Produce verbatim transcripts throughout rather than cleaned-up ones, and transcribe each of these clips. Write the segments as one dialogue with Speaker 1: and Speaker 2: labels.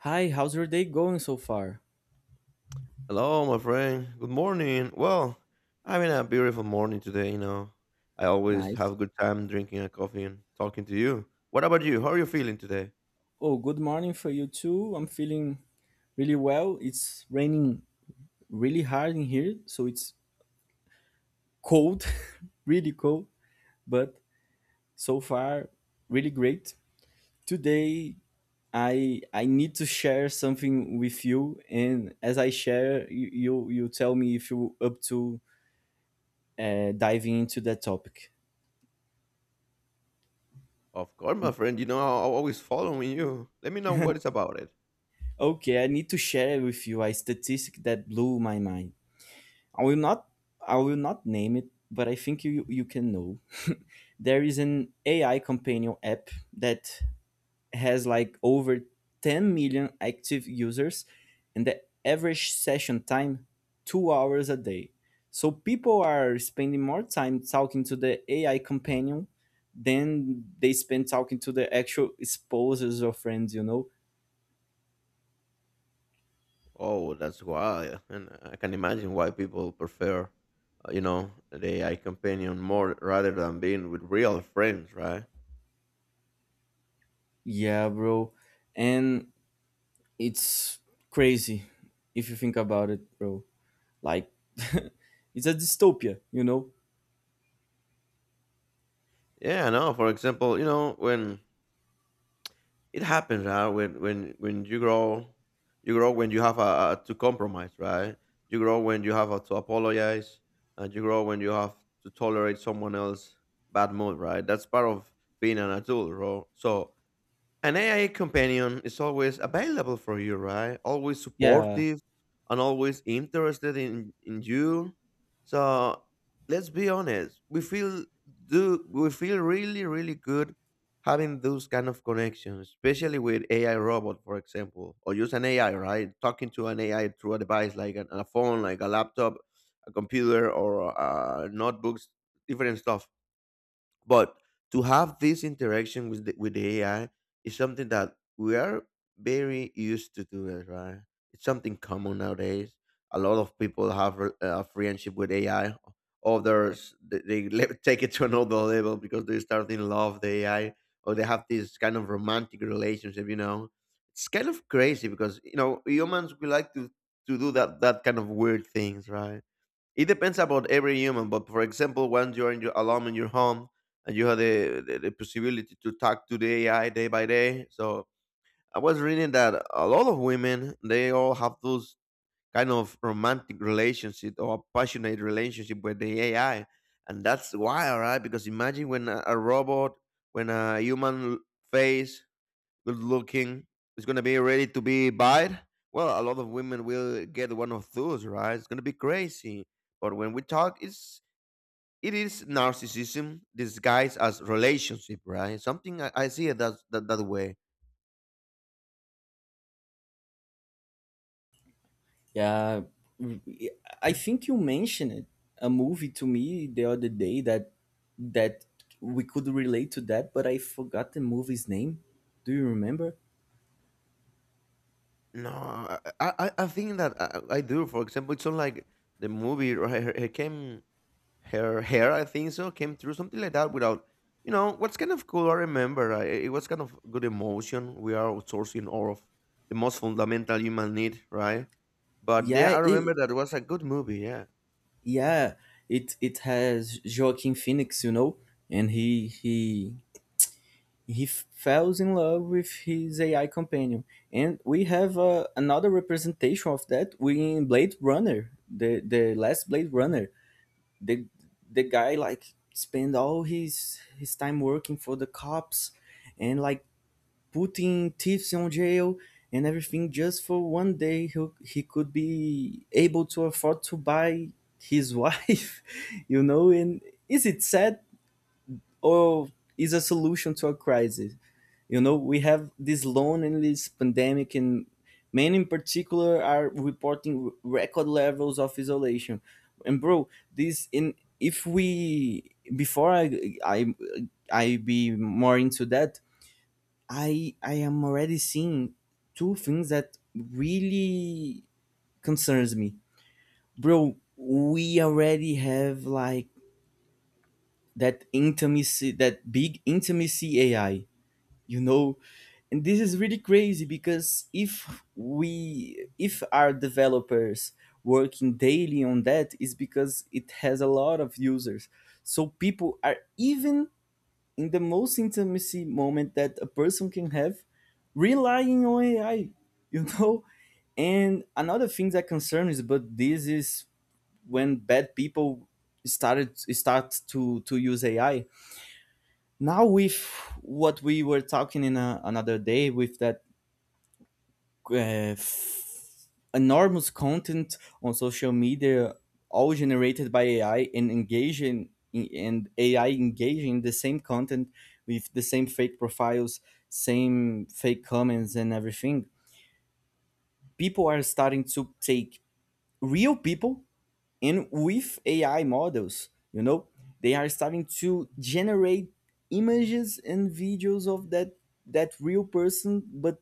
Speaker 1: Hi, how's your day going so far?
Speaker 2: Hello, my friend. Good morning. Well, having a beautiful morning today, you know. I always have
Speaker 1: Nice.
Speaker 2: a good time drinking a coffee and talking to you. What about you? How are you feeling today?
Speaker 1: Oh, good morning for you too. I'm feeling really well. It's raining really hard in here, so it's cold, really cold, but so far really great. Today I I need to share something with you, and as I share, you you, you tell me if you up to uh, diving into that topic.
Speaker 2: Of course, my friend. You know, I'm always following you. Let me know what it's about it.
Speaker 1: Okay, I need to share with you a statistic that blew my mind. I will not I will not name it, but I think you you can know. There is an A I companion app that has like over ten million active users, and the average session time two hours a day. So people are spending more time talking to the A I companion than they spend talking to the actual spouses or friends, you know?
Speaker 2: Oh, that's why. And I can imagine why people prefer, uh, you know, the A I companion more rather than being with real friends, right?
Speaker 1: Yeah, bro. And it's crazy if you think about it, bro, like. It's a dystopia you know
Speaker 2: Yeah, I know. For example, you know, when it happens, right, when when when you grow you grow when you have a, to compromise, right, you grow when you have a, to apologize, and you grow when you have to tolerate someone else's bad mood, right? That's part of being an adult, bro. So an A I companion is always available for you, right? Always
Speaker 1: Yeah,
Speaker 2: supportive and always interested in, in you. So let's be honest. We feel Do we feel really, really good having those kind of connections, especially with A I robot, for example, or use an A I, right? Talking to an A I through a device like an, a phone, like a laptop, a computer, or uh, notebooks, different stuff, but to have this interaction with the, with the A I is something that we are very used to do it, right? It's something common nowadays. A lot of people have a uh, friendship with A I. Others th- they le- take it to another level because they start in love with A I or they have this kind of romantic relationship. You know, it's kind of crazy because you know humans we like to to do that that kind of weird things, right? It depends about every human, but for example, when you're in your, alone in your home and you have the, the, the possibility to talk to the A I day by day. So I was reading that a lot of women, they all have those kind of romantic relationship or passionate relationship with the A I. And that's why, all right? Because imagine when a, a robot, when a human face good looking, is gonna be ready to be buyed. Well, a lot of women will get one of those, right? It's gonna be crazy. But when we talk, it's it is narcissism disguised as relationship, right? Something I, I see it that, that that way.
Speaker 1: yeah. Mm, i think you mentioned a movie to me the other day, that that we could relate to that, but I forgot the movie's name. Do you remember?
Speaker 2: No, I I, I I think that I, I do. For example, it's not like the movie. Right, it came her hair, I think so, came through something like that without, you know, what's kind of cool. I remember uh, it it was kind of good emotion. We are outsourcing all of the most fundamental human need, right? But
Speaker 1: yeah
Speaker 2: yeah, I remember
Speaker 1: it
Speaker 2: that was a good movie. Yeah,
Speaker 1: yeah, it it has Joaquin Phoenix, you know. And he he He f- falls in love with his A I companion, and we have uh, another representation of that in Blade Runner, the the last Blade Runner. The the guy like spend all his his time working for the cops, and like putting thieves on jail, and everything just for one day he, he could be able to afford to buy his wife, you know. And is it sad, or is a solution to a crisis? You know, we have this loneliness pandemic, and men in particular are reporting record levels of isolation. And bro, this in if we, before i i i be more into that, i i am already seeing two things that really concerns me, bro. We already have like that intimacy that big intimacy AI, you know. And this is really crazy, because if we if our developers working daily on that is because it has a lot of users. So people are even in the most intimacy moment that a person can have, relying on AI, you know. And another thing that concerns, but this is when bad people started start to to use AI, now, with what we were talking in a, another day, with that uh, f- enormous content on social media, all generated by AI and engaging, and AI engaging the same content with the same fake profiles, same fake comments, and everything. People are starting to take real people, and with AI models, you know, they are starting to generate images and videos of that that real person, but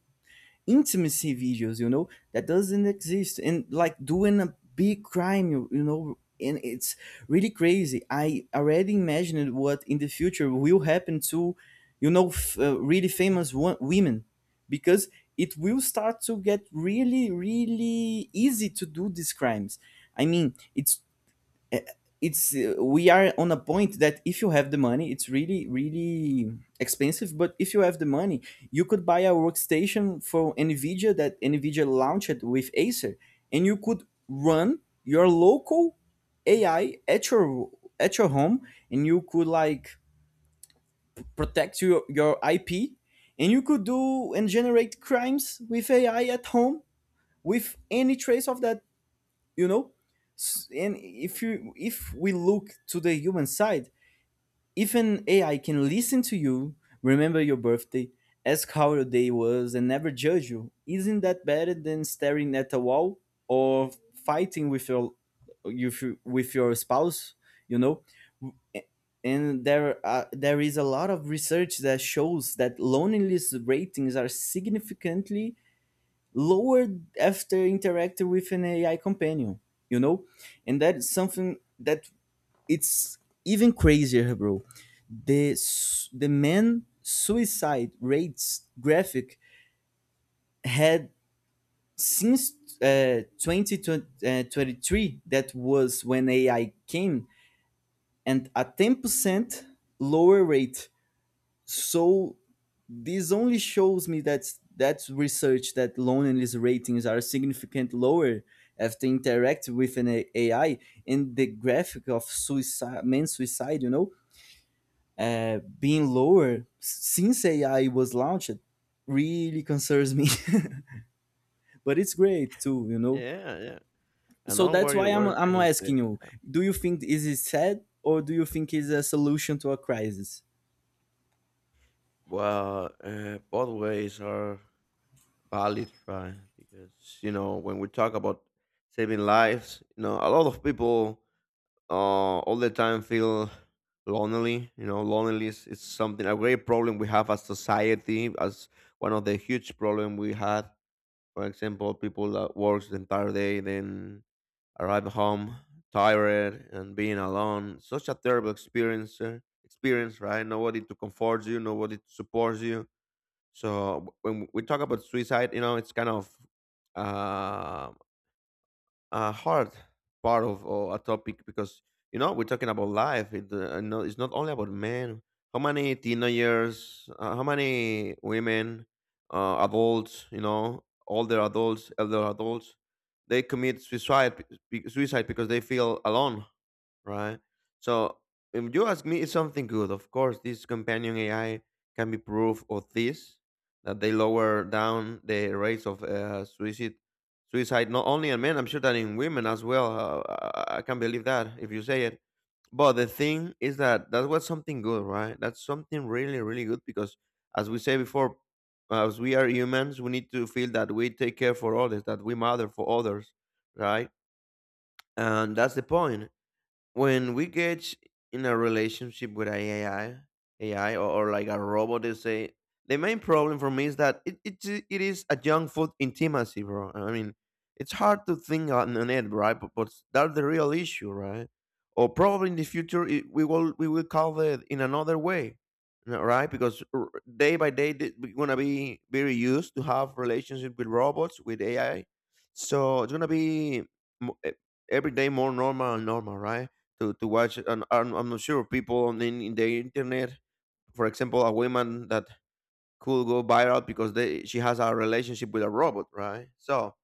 Speaker 1: intimacy videos, you know, that doesn't exist, and like doing a big crime, you, you know and it's really crazy. I already imagined what in the future will happen to, you know f- uh, really famous wo- women, because it will start to get really, really easy to do these crimes. I mean, it's, eh, it's, uh, we are on a point that if you have the money, it's really, really expensive, but if you have the money you could buy a workstation for Nvidia that Nvidia launched with Acer. And you could run your local AI at your at your home. And you could like protect your, your I P. And you could do and generate crimes with AI at home, with any trace of that, you know. S- and if you If we look to the human side, if an AI can listen to you, remember your birthday, ask how your day was, and never judge you, isn't that better than staring at a wall or fighting with your, with, your- with your spouse, you know? And there are, there is a lot of research that shows that loneliness ratings are significantly lowered after interacting with an A I companion, you know? And that is something that it's even crazier, bro. The s- the man suicide rates graphic had, since uh, two thousand twenty-three, that was when A I came, and a ten percent lower rate. So this only shows me that that research that loneliness ratings are significantly lower after interact with an A- AI, and the graphic of suicide, men suicide, you know, uh, being lower since A I was launched really concerns me. But it's great too, you know.
Speaker 2: yeah, yeah. I
Speaker 1: So
Speaker 2: know
Speaker 1: that's
Speaker 2: where
Speaker 1: why
Speaker 2: you
Speaker 1: I'm
Speaker 2: were
Speaker 1: I'm
Speaker 2: taking to.
Speaker 1: asking you: do you think is it sad, or do you think it's a solution to a crisis?
Speaker 2: Well, uh, both ways are valid, right? Because you know, when we talk about saving lives, you know, a lot of people uh, all the time feel lonely. You know, loneliness is something a great problem we have as society, as one of the huge problem we had. For example, people that works the entire day, then arrive home tired and being alone. Such a terrible experience. uh, Experience, right? Nobody to comfort you, nobody to support you. So when we talk about suicide, you know, it's kind of um, a hard part of or a topic because you know we're talking about life. It, uh, no, it's not only about men. How many teenagers? Uh, how many women? Uh, adults, you know, older adults, elder adults, they commit suicide be- suicide because they feel alone, right? So if you ask me, it's something good. Of course, this companion A I can be proof of this that they lower down the rates of uh, suicide. Suicide not only in men, I'm sure that in women as well. Uh, I I can't believe that if you say it. But the thing is that that was something good, right? That's something really, really good because, as we say before, as we are humans, we need to feel that we take care for others, that we mother for others, right? And that's the point when we get in a relationship with a AI, A I or, or like a robot, they say the main problem for me is that it, it, ju- it is a junk food intimacy, bro. I mean, it's hard to think on, on it, right? But, but that's the real issue, right? Or probably in the future it, we will we will call it in another way, no- right? Because r- day by day th- we're gonna be very used to have relationship with robots with A I, so it's gonna be mo- e- every day more normal and normal, right? to, to watch, and I'm, I'm not sure people on in, in the internet, for example a woman that could go viral because they she has a relationship with a robot, right? So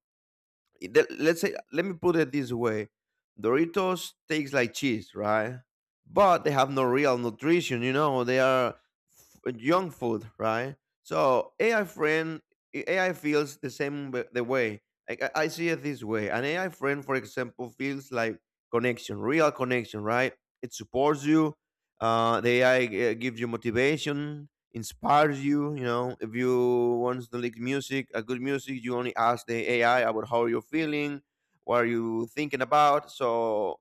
Speaker 2: it- let- us say let me put it this way. Doritos tastes like cheese, right, but they have no real nutrition. You know, they are f- junk food, right? So AI friend, AI feels the same w- the way I, I I see it this way. An AI friend, for example, feels like connection, real connection, right? It supports you. uh, the AI gives you motivation, inspires you. You know, if you want to like music, a good music, you only ask the A I about how you're feeling, what are you thinking about. So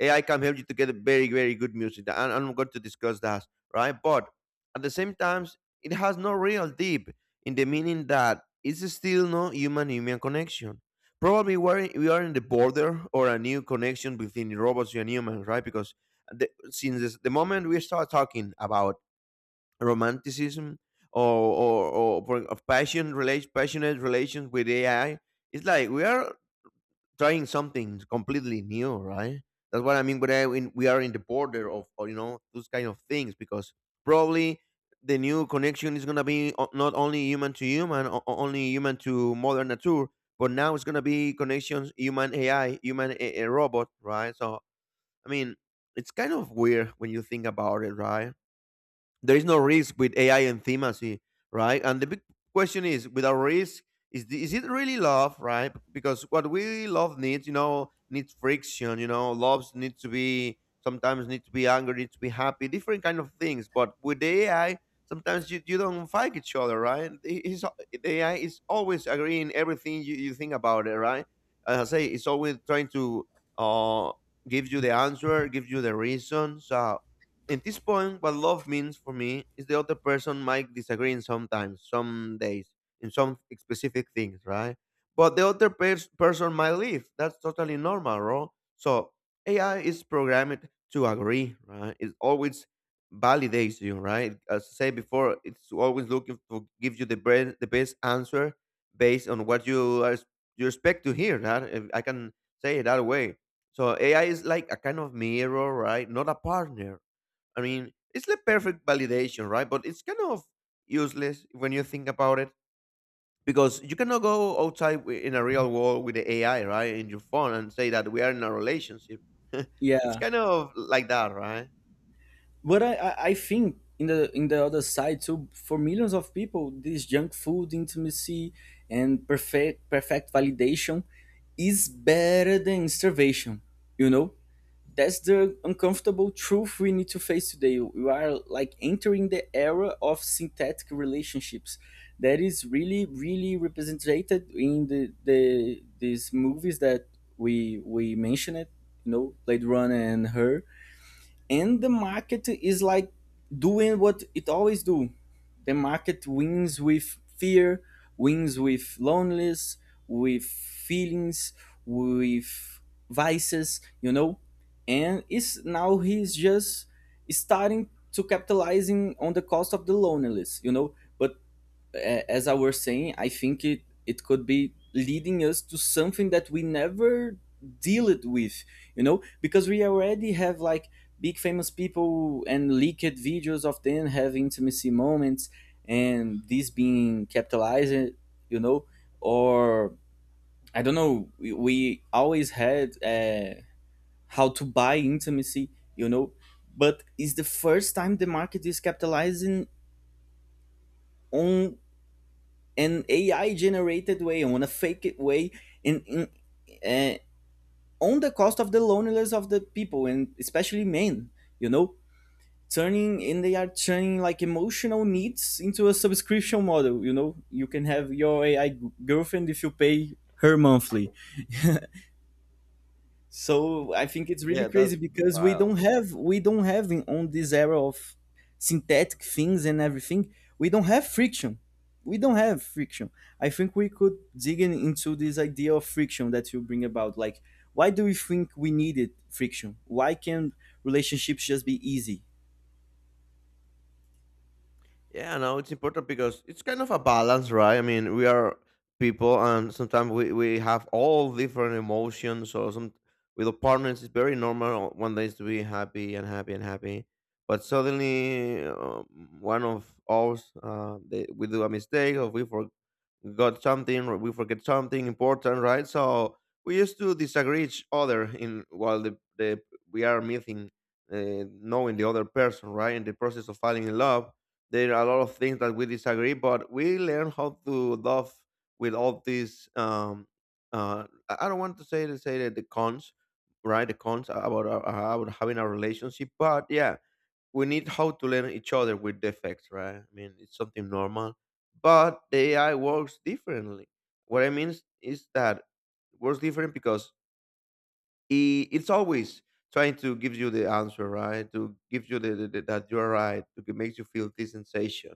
Speaker 2: A I can help you to get a very, very good music. And I'm going to discuss that, right? But at the same times, it has no real deep in the meaning that it's still no human-human connection. Probably we're, we are in the border or a new connection between robots and humans, right? Because the, since this, the moment we start talking about romanticism or or, or for- of passion relation passionate relations with A I. It's like we are trying something completely new, right? That's what I mean. But I, when we are in the border of or, you know those kind of things because probably the new connection is gonna be o- not only human to human, o- o- only human to mother nature, but now it's gonna be connections human A I, human a- a robot, right? So I mean, it's kind of weird when you think about it, right? There is no risk with A I and themacy, right? And the big question is, without risk, is the, is it really love, right? Because what we love needs, you know, needs friction. You know, loves need to be sometimes, need to be angry, need to be happy, different kind of things. But with the A I, sometimes you, you don't fight each other, right? It- it's al- the A I is always agreeing everything you, you think about it, right? As I say, it's always trying to uh, give you the answer, give you the reasons. So at this point, what love means for me is the other person might disagree in sometimes, some days, in some specific things, right? But the other pers- person might leave. That's totally normal, right? So A I is programmed to agree, right? It always validates you, right? As I said before, it's always looking to give you the best, the best answer based on what you are, you expect to hear. That if I can say it that way. So A I is like a kind of mirror, right? Not a partner. I mean, it's the perfect validation, right? But it's kind of useless when you think about it because you cannot go outside wi- in a real world with the A I, right, in your phone and say that we are in a relationship. It's
Speaker 1: Yeah.
Speaker 2: kind of like that, right?
Speaker 1: But I, I I think in the in the other side too, for millions of people, this junk food intimacy and perfect perfect validation is better than starvation. You know, that's the uncomfortable truth we need to face today. We are like entering the era of synthetic relationships that is really, really represented in the the these movies that we we mentioned. You know, Blade Runner and Her. And the market is like doing what it always do. The market wins with fear, wins with loneliness, with feelings, with vices, you know. And is now he's just starting to capitalizing on the cost of the loneliness you know but a- as I was saying, I think it, it could be leading us to something that we never deal it with, you know, because we already have like big famous people and leaked videos of them have intimacy moments, and this being capitalized, you know, or I don't know. We, we always had uh, how to buy intimacy, you know, but it's the first time the market is capitalizing on an A I generated way, on a fake way, in, in uh, on the cost of the loneliness of the people, and especially men. You know, turning and they are turning like emotional needs into a subscription model. You know, you can have your A I girlfriend if you pay her monthly. So I think it's really
Speaker 2: Yeah, that's
Speaker 1: crazy because we
Speaker 2: wild.
Speaker 1: don't have we don't have, in, on this era of synthetic things and everything, we don't have friction. We don't have friction. I think we could dig in into this idea of friction that you bring about. Like, why do we think we needed friction? Why can't relationships just be easy?
Speaker 2: Yeah, no, it's important because it's kind of a balance, right? I mean, we are people, and sometimes we, we have all different emotions. So some with our partners, it's very normal one day to be happy and happy and happy, but suddenly uh, one of us uh, they, we do a mistake or we forgot something or we forget something important, right? So we used to disagree each other in while the, the we are meeting, uh, knowing the other person, right, in the process of falling in love there are a lot of things that we disagree, but we learn how to love with all these. Um, uh, I I don't want to say to say that the cons, right? The cons about our, about having a relationship, but yeah, we need how to learn each other with defects, right? I mean, it's something normal, but the A I works differently. What I mean is, is that it works different because i- it's always trying to give you the answer, right? To give you the, the, the- that you are right, to g- makes you feel this sensation.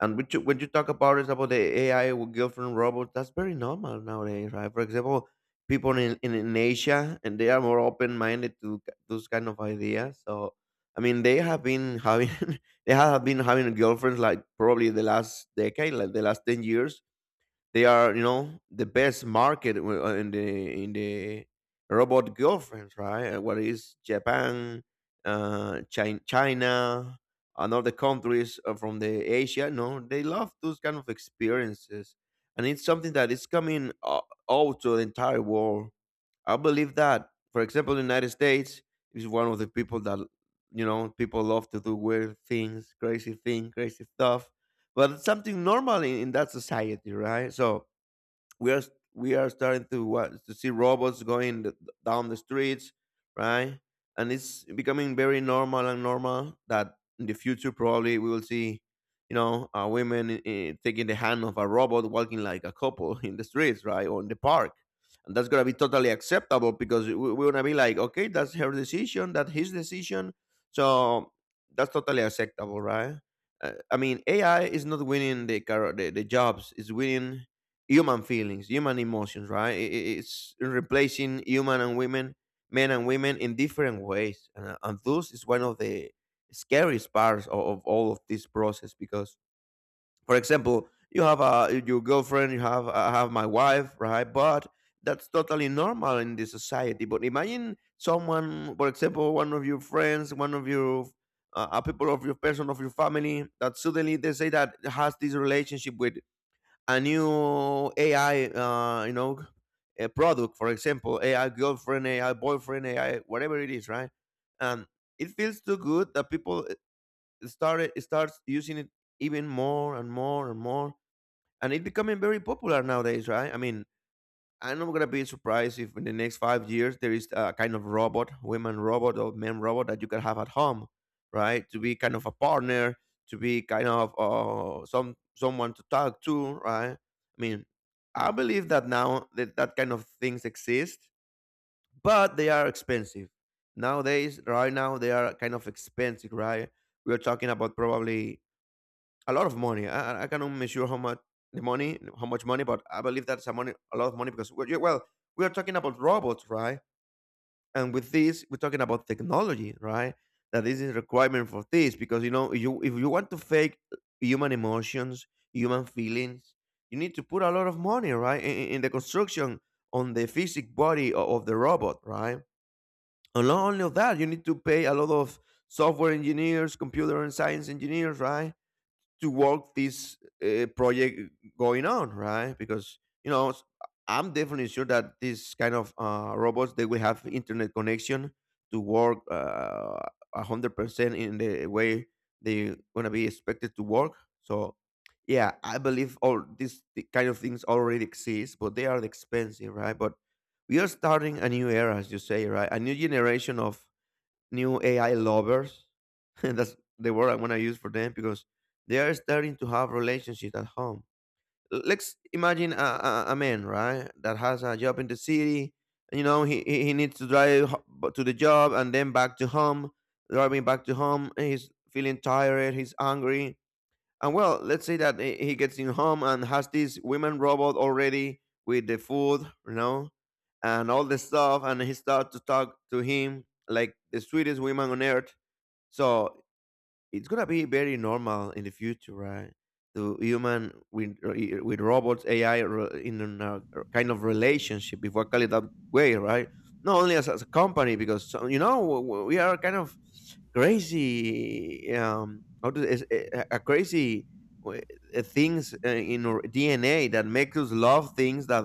Speaker 2: And when you when you talk about it about the A I with girlfriend robots, that's very normal nowadays, right? For example, people in, in, in Asia and they are more open minded to k- those kind of ideas. So I mean, they have been having they have been having girlfriends like probably the last decade, like the last ten years. They are, you know, the best market w- uh, in the in the robot girlfriends, right? Uh, What is Japan, uh, China, China, and other countries uh, from the Asia? No, they love those kind of experiences, and it's something that is coming uh, out to the entire world. I believe that, for example, the United States is one of the people that, you know, people love to do weird things, crazy things, crazy stuff, but it's something normal in, in that society, right? So we are we are starting to what to see robots going th- down the streets, right, and it's becoming very normal and normal that in the future probably we will see, you know, uh, women uh, taking the hand of a robot walking like a couple in the streets, right, or in the park, and that's gonna be totally acceptable because we- we're gonna be like, okay, that's her decision, that's his decision, so that's totally acceptable, right. uh, I mean, AI is not winning the, car- the the jobs, it's winning human feelings, human emotions, right? I- i- It's replacing human and women, men and women in different ways. And, uh, and thus is one of the scariest parts of, of all of this process because, for example, you have a, your girlfriend, you have, I have my wife, right? But that's totally normal in this society. But imagine someone, for example, one of your friends, one of your uh, uh, people of your person, of your family, that suddenly they say that has this relationship with a new A I, uh, you know, a product, for example, A I girlfriend, A I boyfriend, A I whatever it is, right? And it feels too good that people started starts using it even more and more and more, and it becoming very popular nowadays, right? I mean, I'm not gonna be surprised if in the next five years there is a kind of robot, women robot or men robot that you can have at home, right? To be kind of a partner, to be kind of uh, some someone to talk to, right? I mean, I believe that now that that kind of things exist, but they are expensive nowadays. Right now, they are kind of expensive, right? We are talking about probably a lot of money. I, I- cannot measure how much the money, how much money, but I believe that's a money, a lot of money because we- well, we are talking about robots, right? And with this, we're talking about technology, right? That this is requirement for this because, you know, you, if you want to fake human emotions, human feelings, you need to put a lot of money, right, in, in in the construction on the physic body o- of the robot, right? And not only of that, you need to pay a lot of software engineers, computer and science engineers, right, to work this uh, project going on, right? Because, you know, s- I'm definitely sure that this kind of uh, robots, they will have internet connection to work uh, a hundred percent in the way they gonna be expected to work. So, yeah, I believe all these th- kind of things already exist, but they are expensive, right? But we are starting a new era, as you say, right? A new generation of new A I lovers. That's the word I want to use for them because they are starting to have relationships at home. L- Let's imagine a, a, a man, right, that has a job in the city. You know, he, he he needs to drive ho- b- to the job and then back to home, driving back to home, and he's feeling tired, he's angry, and, well, let's say that he he gets in home and has this women robot already with the food, you know, and all the stuff, and he starts to talk to him like the sweetest woman on earth. So it's gonna be very normal in the future, right? To human with with robots, A I re- in a kind of relationship, if I call it that way, right? Not only as, as a company, because so- you know, w- w- we are kind of crazy, um, how to, is- eh, a a crazy uh, things uh, in our D N A that make us love things that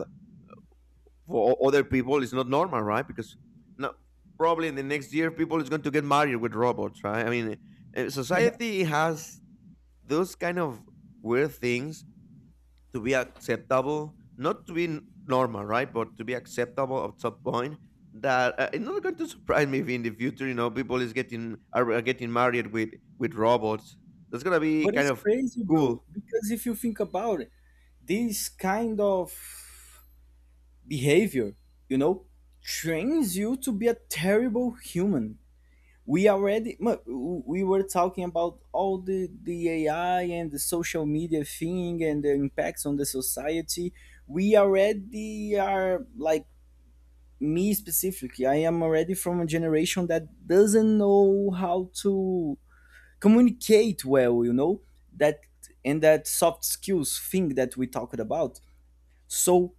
Speaker 2: for other people it's not normal, right, because no, probably in the next year people is going to get married with robots, right. I mean, uh, society has those kind of weird things to be acceptable, not to be n- normal, right, but to be acceptable at some point. That, uh, it's not going to surprise me if in the future, you know, people is getting are are getting married with with robots. That's gonna be
Speaker 1: But
Speaker 2: kind
Speaker 1: it's
Speaker 2: of
Speaker 1: crazy, bro,
Speaker 2: cool.
Speaker 1: because if you think about it, this kind of behavior, you know, trains you to be a terrible human. We already mu- we were talking about all the the AI and the social media thing, and the impacts on the society. We already are like, me specifically, I am already from a generation that doesn't know how to communicate well, you know, that, and that soft skills thing that we talked about. So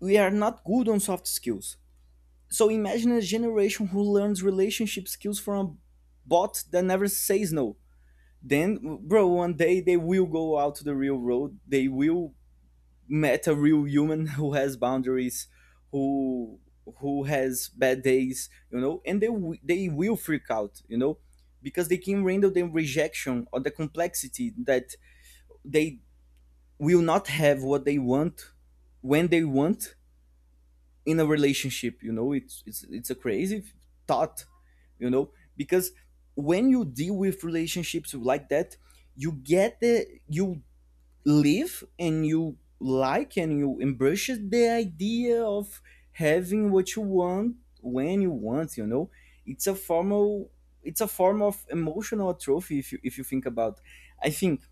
Speaker 1: we are not good on soft skills. So imagine a generation who learns relationship skills from a bot that never says no. Then, bro, one day they will go out to the real road. They will met a real human who has boundaries, who who has bad days, you know, and they wi- they will freak out, you know, because they can handle the rejection or the complexity that they will not have what they want when they want in a relationship. You know, it's it's it's a crazy thought, you know, because when you deal with relationships like that, you get the you live, and you like, and you embrace the idea of having what you want when you want, you know. it's a formal it's a form of emotional trophy if you if you think about. I think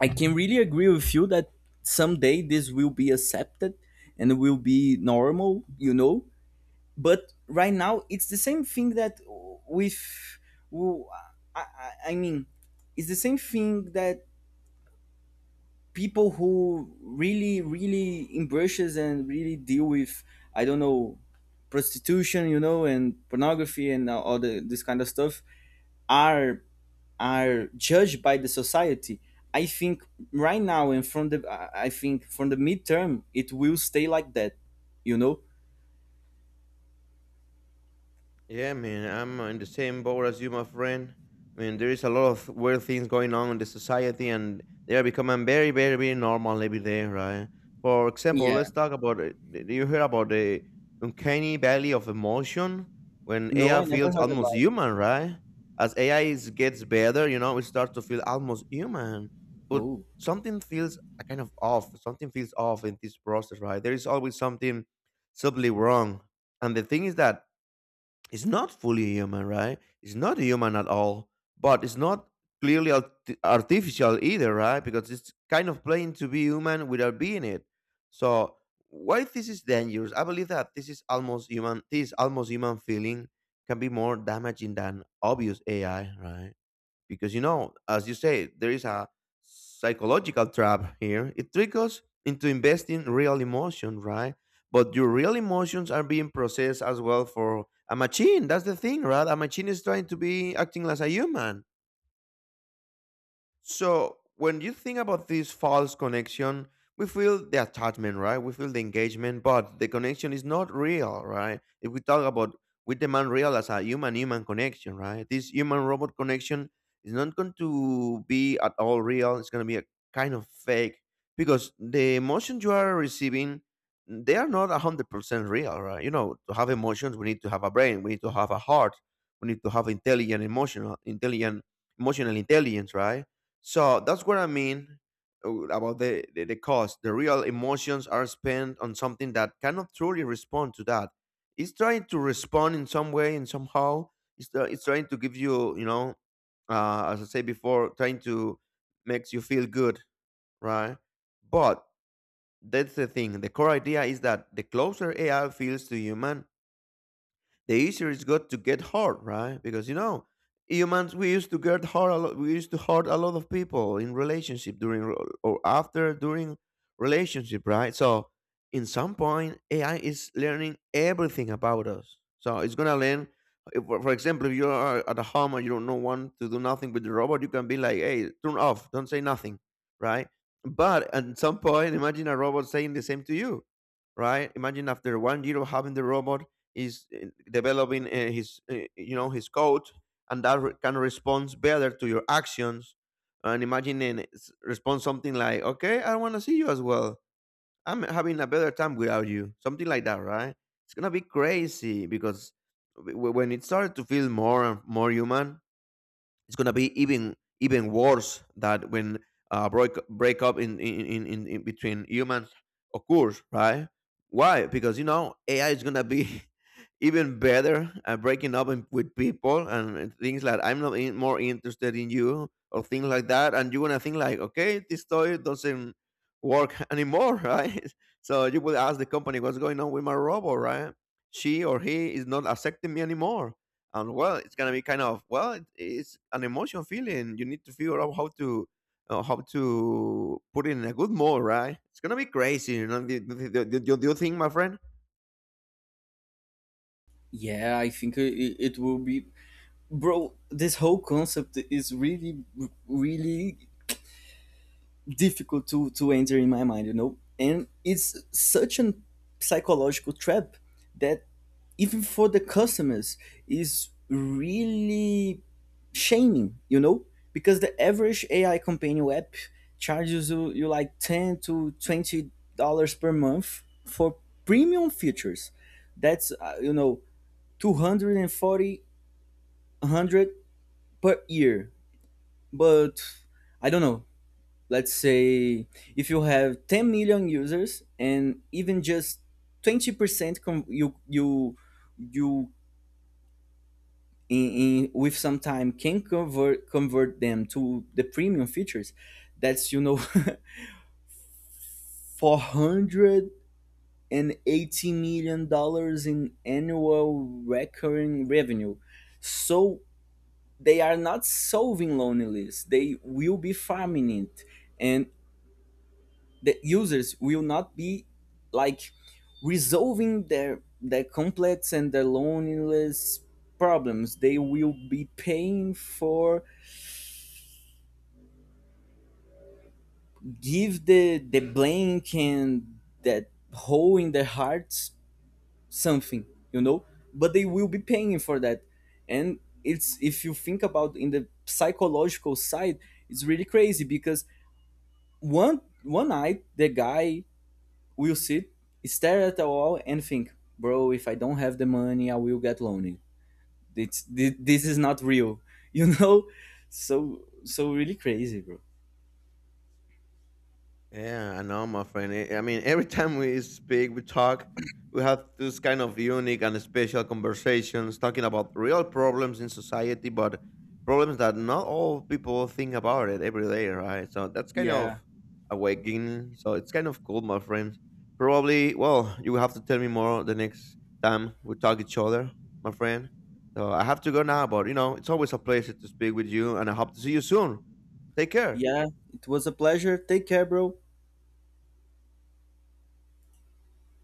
Speaker 1: I can really agree with you that someday this will be accepted and will be normal, you know. But right now it's the same thing that with w- I, I I mean, it's the same thing that people who really, really embraces and really deal with, I don't know, prostitution, you know, and pornography, and all the, this kind of stuff are are judged by the society. I think, right now, and from the, i I think from the midterm it will stay like that, you know.
Speaker 2: Yeah, man, I'm in the same boat as you, my friend. I mean, there is a lot of weird things going on in the society, and they are becoming very, very, very normal every day, right? For example,
Speaker 1: Yeah.
Speaker 2: let's talk about it. Did you hear about the uncanny valley of emotion, when
Speaker 1: No,
Speaker 2: A I
Speaker 1: I never
Speaker 2: feels
Speaker 1: heard
Speaker 2: almost
Speaker 1: about.
Speaker 2: human, right? As A I is, gets better, you know, it starts to feel almost human, but
Speaker 1: Oh.
Speaker 2: something feels a kind of off. Something feels off in this process, right? There is always something subtly wrong, and the thing is that it's not fully human, right? It's not human at all, but it's not clearly arti- artificial either, right? Because it's kind of playing to be human without being it. So why this is dangerous? I believe that this is almost human. This almost human feeling can be more damaging than obvious A I, right? Because, you know, as you say, there is a psychological trap here. It tricks us into investing real emotion, right, but your real emotions are being processed as well for a machine. That's the thing, right? A machine is trying to be acting as a human. So when you think about this false connection, we feel the attachment, right? We feel the engagement, but the connection is not real, right? If we talk about, we demand real as a human human connection, right? This human robot connection is not going to be at all real. It's going to be a kind of fake because the emotions you are receiving, they are not one hundred percent real, right? You know, to have emotions, we need to have a brain, we need to have a heart, we need to have intelligent emotional intelligent emotional intelligence, right? So that's what I mean uh, about the, the, the cost. The real emotions are spent on something that cannot truly respond to that. It's trying to respond in some way and somehow. It's, try- it's trying to give you, you know, uh, as I said before, trying to makes you feel good, right? But that's the thing. The core idea is that the closer A I feels to human, the easier it's got to get hurt, right? Because, you know, humans, we used to get hurt a lot. We used to hurt a lot of people in relationship during re- or after during relationship, right? So in some point, A I is learning everything about us. So it's gonna learn. if- For for example, if you are at a home and you don't know want to do nothing with the robot, you can be like, "Hey, turn off, don't say nothing," right? But at some point, imagine a robot saying the same to you, right? Imagine after one year of having the robot, is uh, developing uh, his uh, you know, his code, and that re- can respond better to your actions, and imagine and s- respond something like, okay, I want to see you as well, I'm having a better time without you, something like that, right? It's gonna be crazy because w- w- when it started to feel more and more human, it's gonna be even even worse that when uh, break break up in in, in in in between humans occurs, right? Why? Because, you know, A I is gonna be even better at breaking up in, with people and things like, I'm not in, more interested in you, or things like that, and you're gonna think like, okay, this toy doesn't work anymore, right? So you will ask the company, what's going on with my robot, right? She or he is not accepting me anymore, and, well, it's gonna be kind of, well, it, it's an emotion feeling, you need to figure out how to uh, how to put it in a good mood, right? It's gonna be crazy, you know. Do, do, do, do, do you think, my friend?
Speaker 1: Yeah, I think it, it will be. Bro, this whole concept is really, really difficult to to enter in my mind, you know. And it's such an psychological trap that even for the customers is really shaming, you know, because the average AI companion app charges you, you like ten to twenty dollars per month for premium features. That's, uh, you know, two hundred forty per year. But I don't know, let's say if you have ten million users and even just twenty percent com- you you you in, in, with some time, can convert convert them to the premium features. That's, you know, four hundred eighty million dollars in annual recurring revenue. So they are not solving loneliness, they will be farming it. And the users will not be like resolving their their complex and their loneliness problems, they will be paying for give the the blank and that hole in their hearts something, you know. But they will be paying for that. And it's, if you think about in the psychological side, it's really crazy because one one night the guy We'll sit, stare at the wall and think, bro, if I don't have the money, I will get lonely. It's, thi- this is not real, you know? So, so really crazy, bro.
Speaker 2: Yeah, I know, my friend. I I mean, every time we speak, we talk, we have this kind of unique and special conversations talking about real problems in society, but problems that not all people think about it every day, right? So that's kind
Speaker 1: Yeah.
Speaker 2: of awakening. So it's kind of cool, my friend. Probably, well, you will have to tell me more the next time we talk each other, my friend. So I have to go now, but, you know, it's always a pleasure to speak with you, and I hope to see you soon. Take care.
Speaker 1: Yeah. It was a pleasure. Take care, bro.